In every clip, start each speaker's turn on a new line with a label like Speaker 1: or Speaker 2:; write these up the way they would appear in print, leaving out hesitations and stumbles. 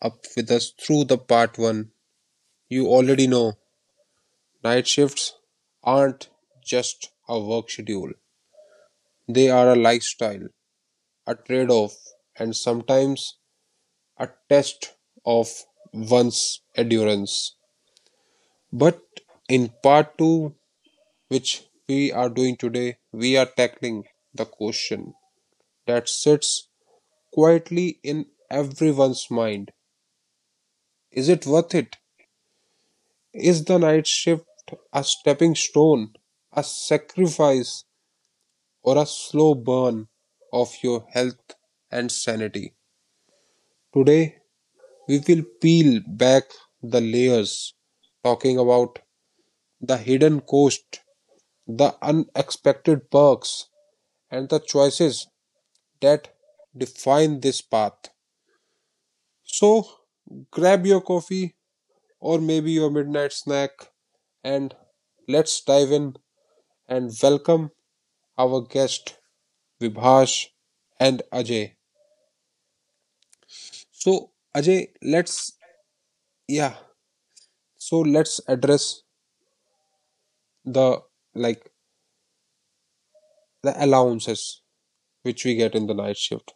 Speaker 1: up with us through the Part 1, you already know night shifts aren't just a work schedule. They are a lifestyle, a trade-off, and sometimes a test of one's endurance. But in Part 2, which we are doing today, we are tackling the question that sits quietly in everyone's mind. Is it worth it? Is the night shift a stepping stone, a sacrifice, or a slow burn of your health and sanity? Today, we will peel back the layers, talking about the hidden cost, the unexpected perks, and the choices that define this path. So, grab your coffee or maybe your midnight snack and let's dive in and welcome our guest Vibhash and Ajay. So Ajay, let's yeah, so let's address the like the allowances which we get in the night shift.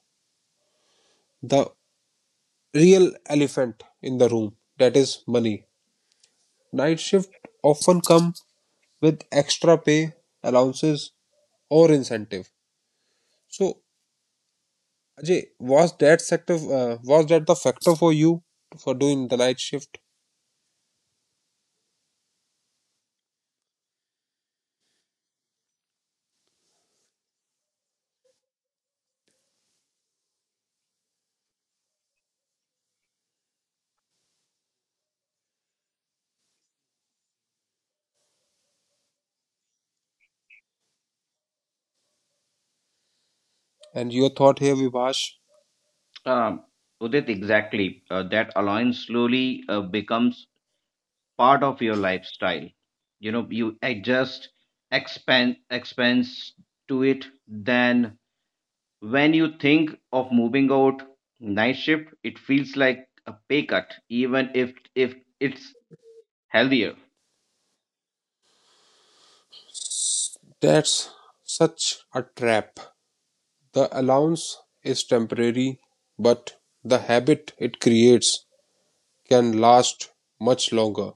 Speaker 1: The real elephant in the room that is money. Night shift often come with extra pay, allowances or incentive. So Ajay, was that the factor for you for doing the night shift? And your thought here, Vibhash?
Speaker 2: Um, Udit, exactly. That allowance slowly becomes part of your lifestyle. You know, you adjust expense to it. Then, when you think of moving out night shift, it feels like a pay cut, even if it's healthier.
Speaker 1: That's such a trap. The allowance is temporary, but the habit it creates can last much longer.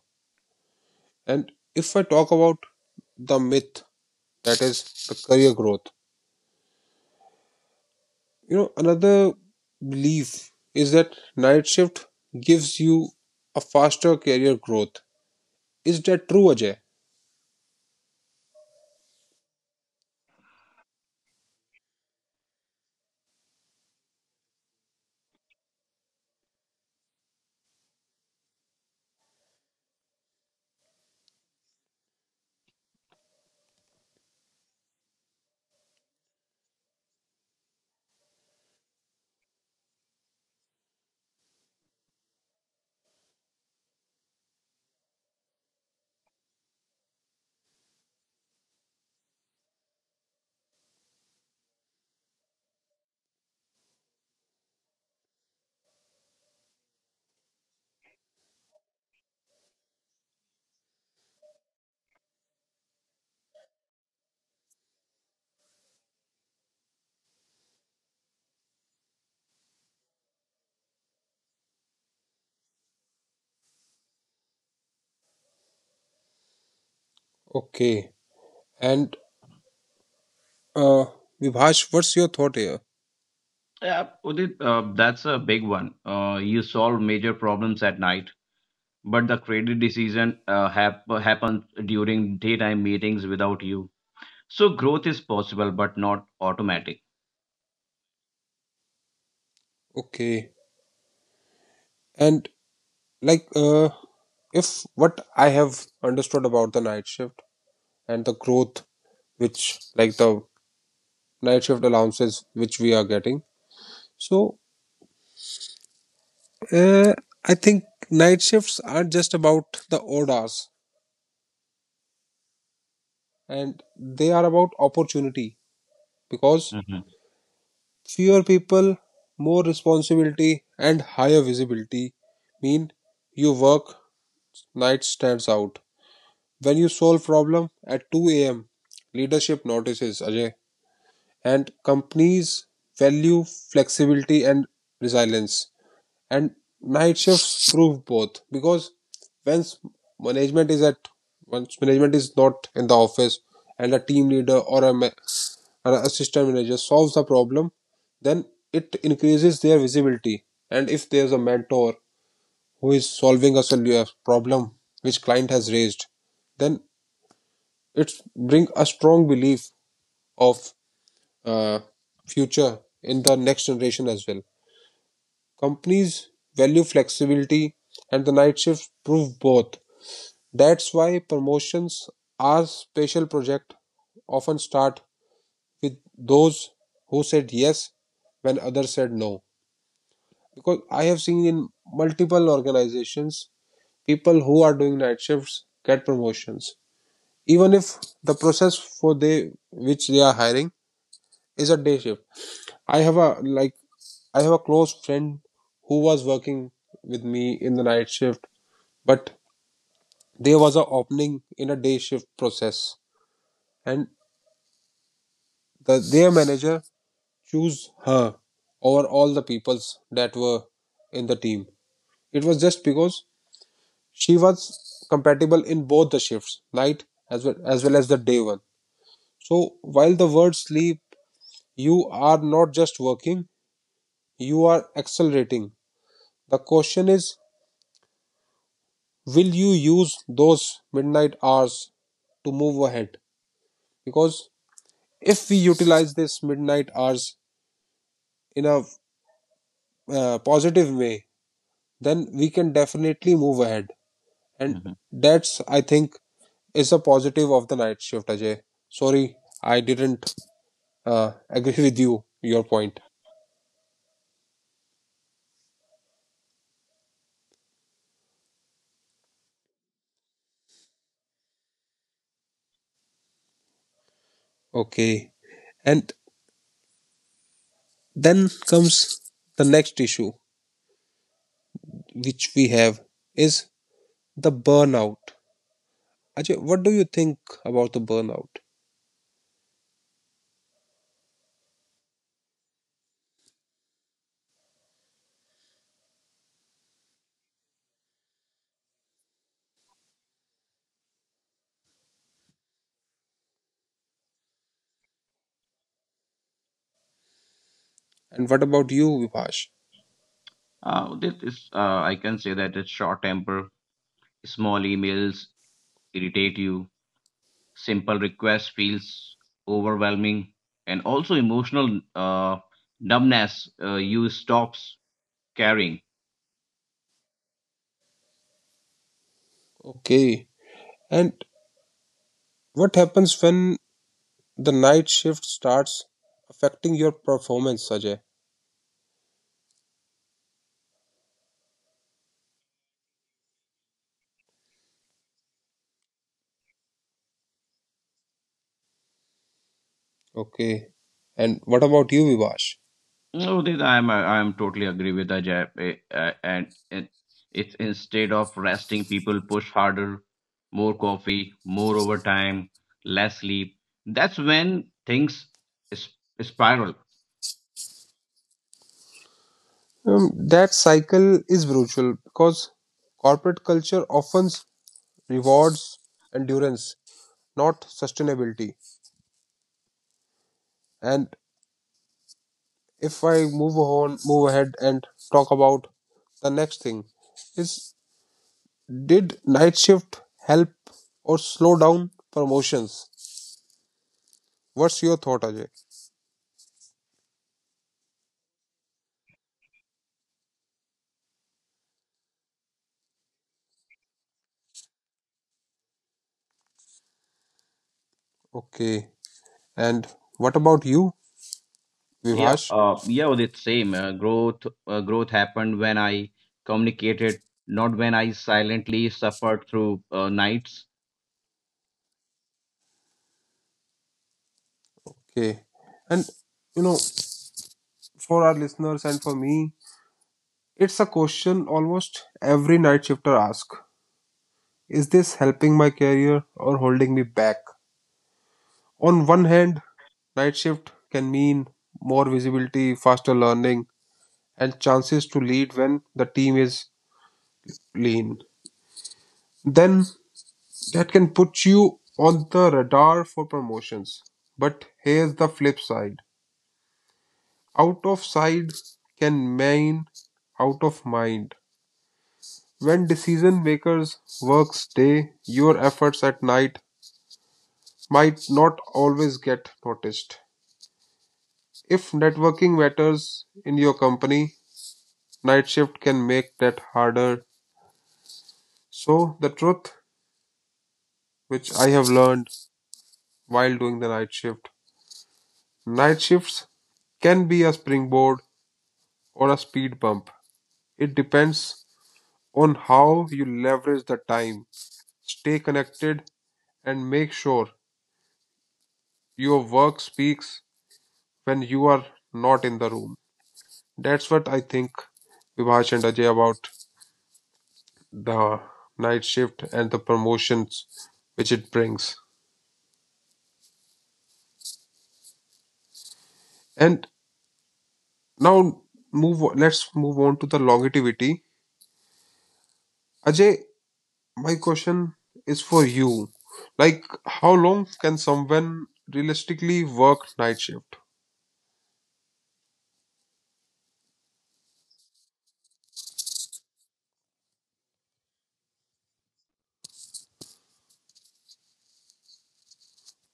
Speaker 1: And if I talk about the myth that is the career growth, you know, another belief is that night shift gives you a faster career growth. Is that true, Ajay? Okay. And uh, Vibhash, what's your thought here?
Speaker 2: Yeah, Udit, that's a big one. You solve major problems at night, but the credit decision happens during daytime meetings without you. So growth is possible, but not automatic.
Speaker 1: Okay. And like if what I have understood about the night shift and the growth which like the night shift allowances which we are getting so uh, I think night shifts aren't just about the orders and they are about opportunity because
Speaker 2: hmm
Speaker 1: fewer people more responsibility and higher visibility mean you work night stands out when you solve problem at 2 a.m. leadership notices Ajay and companies value flexibility and resilience and night shifts prove both because once management is at once management is not in the office and a team leader or an assistant manager solves the problem then it increases their visibility and if there's a mentor who is solving a problem which client has raised then it's bring a strong belief of uh, future in the next generation as well. Companies value flexibility, and the night shift prove both. That's why promotions are special project often start with those who said yes when others said no. Because I have seen in multiple organizations, people who are doing night shifts get promotions, even if the process for they which they are hiring is a day shift. I have a like I have a close friend who was working with me in the night shift, but there was an opening in a day shift process, and their manager chose her over all the peoples that were in the team. It was just because she was compatible in both the shifts, night as well as the day one. So while the word sleep, you are not just working, you are accelerating. The question is will you use those midnight hours to move ahead because if we utilize this midnight hours in a positive way then we can definitely move ahead and
Speaker 2: hmm
Speaker 1: that's I think is a positive of the night shift Ajay sorry I didn't agree with you your point. Okay and then comes the next issue which we have is the burnout. Ajay, what do you think about the burnout? And what about you, Vipash?
Speaker 2: This is, I can say that it's short temper, small emails irritate you, simple request feels overwhelming, and also emotional uh, numbness. You stops caring.
Speaker 1: Okay. And what happens when the night shift starts affecting your performance, Ajay? Okay. And what about you, Vipash?
Speaker 2: No, this I'm totally agree with Ajay. And it's instead of resting, people push harder, more coffee, more overtime, less sleep. That's when things is, spiral.
Speaker 1: That cycle is brutal because corporate culture often rewards endurance, not sustainability. And if I move ahead and talk about the next thing is did night shift help or slow down promotions? What's your thought, Ajay? Okay. And what about you, Vivash?
Speaker 2: It's same. Growth, growth happened when I communicated, not when I silently suffered through nights.
Speaker 1: Okay. And you know, for our listeners and for me, it's a question almost every night shifter asks. Is this helping my career or holding me back? On one hand, night shift can mean more visibility, faster learning, and chances to lead when the team is lean. Then that can put you on the radar for promotions. But here's the flip side. Out of sight can mean out of mind. When decision makers work day, your efforts at night might not always get noticed. If networking matters in your company, night shift can make that harder. So, the truth which I have learned while doing the night shift, night shifts can be a springboard or a speed bump. It depends on how you leverage the time. Stay connected and make sure your work speaks when you are not in the room. That's what I think, Vibhash and Ajay, about the night shift and the promotions which it brings. And now move. Let's move on to the longevity. Ajay, my question is for you. Like, how long can someone realistically work night shift?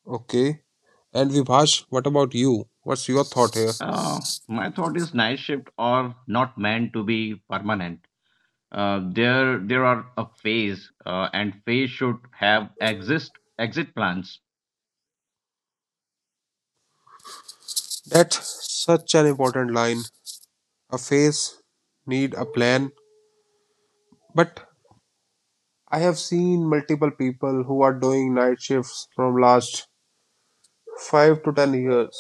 Speaker 1: Okay. And Vibhash, what about you? What's your thought here?
Speaker 2: Uh, my thought is night shift are not meant to be permanent. There there are a phase and phase should have exist exit plans.
Speaker 1: That's such an important line a face, need a plan. But I have seen multiple people who are doing night shifts from last 5 to 10 years.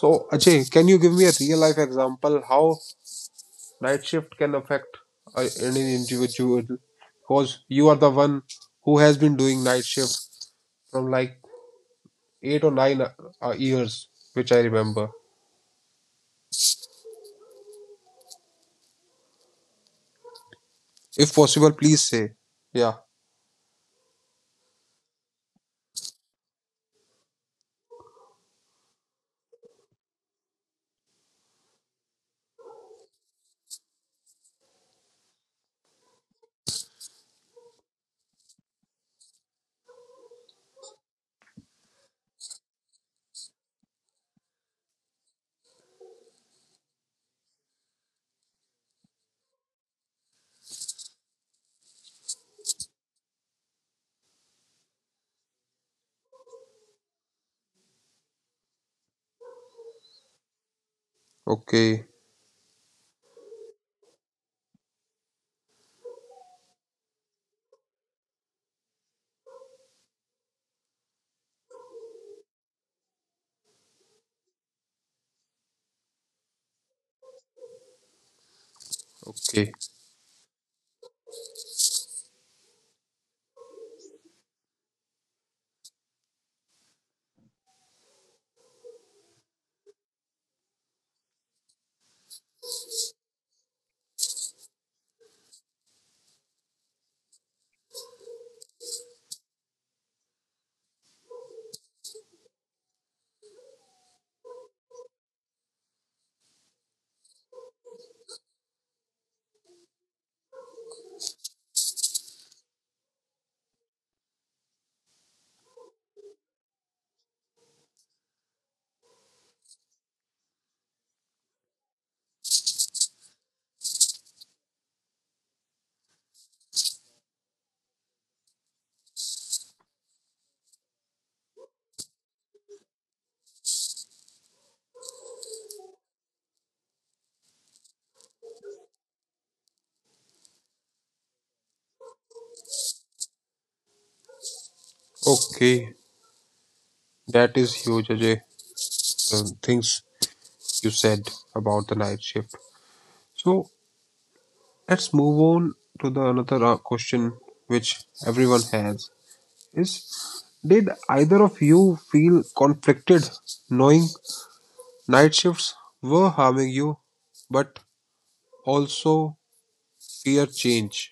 Speaker 1: So Ajay, can you give me a real life example how night shift can affect any individual? Because you are the one who has been doing night shift from like 8 or 9 years, which I remember. If possible, please say. Yeah. Okay. Okay. Okay. That is huge, Ajay. The things you said about the night shift. So let's move on to the another question which everyone has is did either of you feel conflicted knowing night shifts were harming you but also fear change?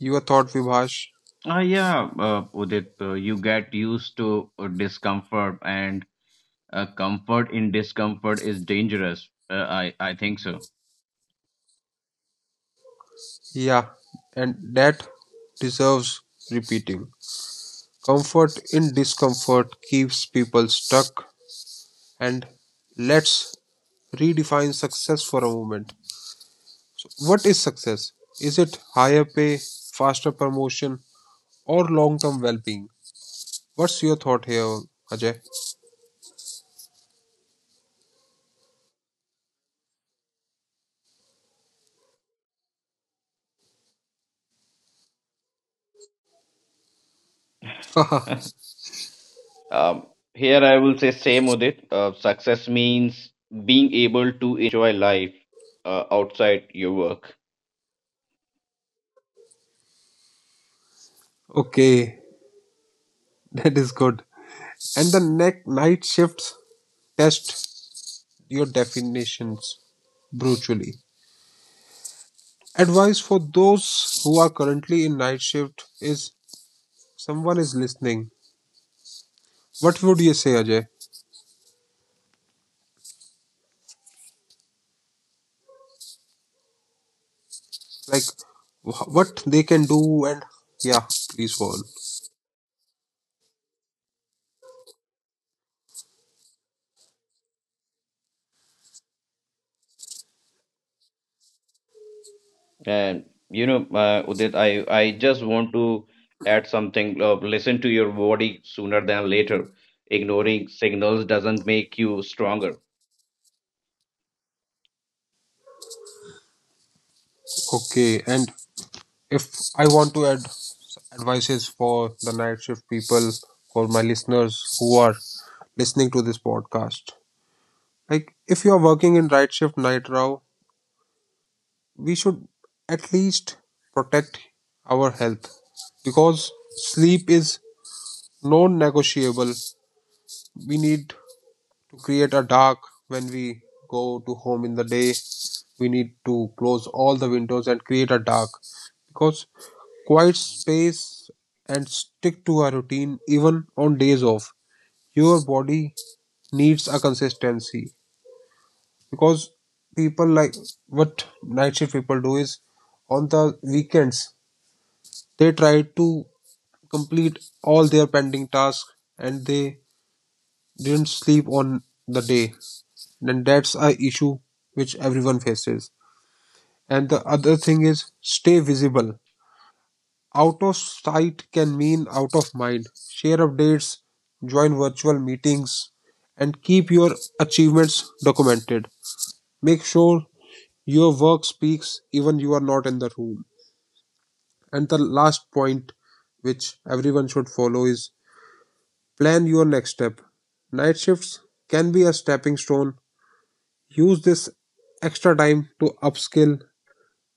Speaker 1: Your thought Vibhash?
Speaker 2: Yeah Udit, you get used to discomfort, and comfort in discomfort is dangerous, I think so.
Speaker 1: Yeah, and that deserves repeating. Comfort in discomfort keeps people stuck and let's redefine success for a moment. What is success? Is it higher pay, faster promotion, or long term well being? What's your thought here, Ajay?
Speaker 2: Um, Here I will say same with it. Success means being able to enjoy life outside your work.
Speaker 1: Okay, that is good. And the neck night shifts test your definitions brutally. Advice for those who are currently in night shift is someone is listening. What would you say, Ajay? Like what they can do and yeah, please go on.
Speaker 2: And you know, Udit, I just want to add something. Listen to your body sooner than later. Ignoring signals doesn't make you stronger.
Speaker 1: Okay, and if I want to add advices for the night shift people, for my listeners who are listening to this podcast, like if you are working in night shift, night row, we should at least protect our health because sleep is non negotiable. We need to create a dark when we go to home in the day we need to close all the windows and create a dark because quiet space and stick to a routine even on days off your body needs a consistency because people like what night shift people do is on the weekends they try to complete all their pending tasks and they didn't sleep on the day then that's a issue which everyone faces. And the other thing is stay visible. Out of sight can mean out of mind. Share updates, join virtual meetings, and keep your achievements documented. Make sure your work speaks even you are not in the room. And the last point which everyone should follow is plan your next step. Night shifts can be a stepping stone. Use this extra time to upskill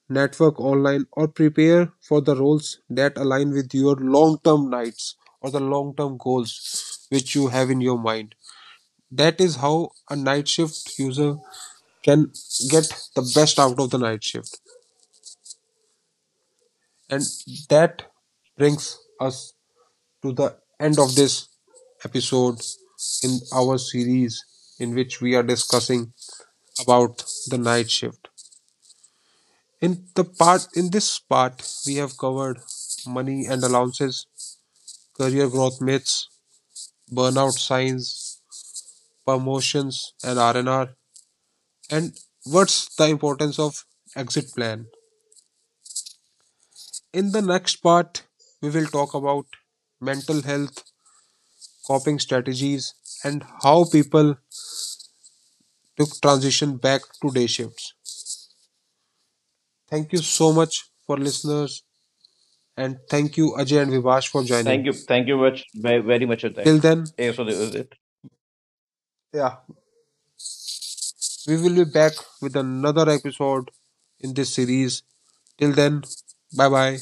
Speaker 1: network online or prepare for the roles that align with your long-term nights or the long-term goals which you have in your mind that is how a night shift user can get the best out of the night shift and that brings us to the end of this episode in our series in which we are discussing about the night shift in the part in this part we have covered money and allowances career growth myths, burnout signs, promotions and R&R, and what's the importance of exit plan. In the next part, we will talk about mental health, coping strategies and how people took transition back to day shifts. Thank you so much for listeners and thank you Ajay and Vivash for
Speaker 2: Thank
Speaker 1: joining.
Speaker 2: you. Thank you much, very, very much, Udit.
Speaker 1: Till then,
Speaker 2: Yes, Udit. Udit.
Speaker 1: yeah, we will be back with another episode in this series. Till then, bye bye.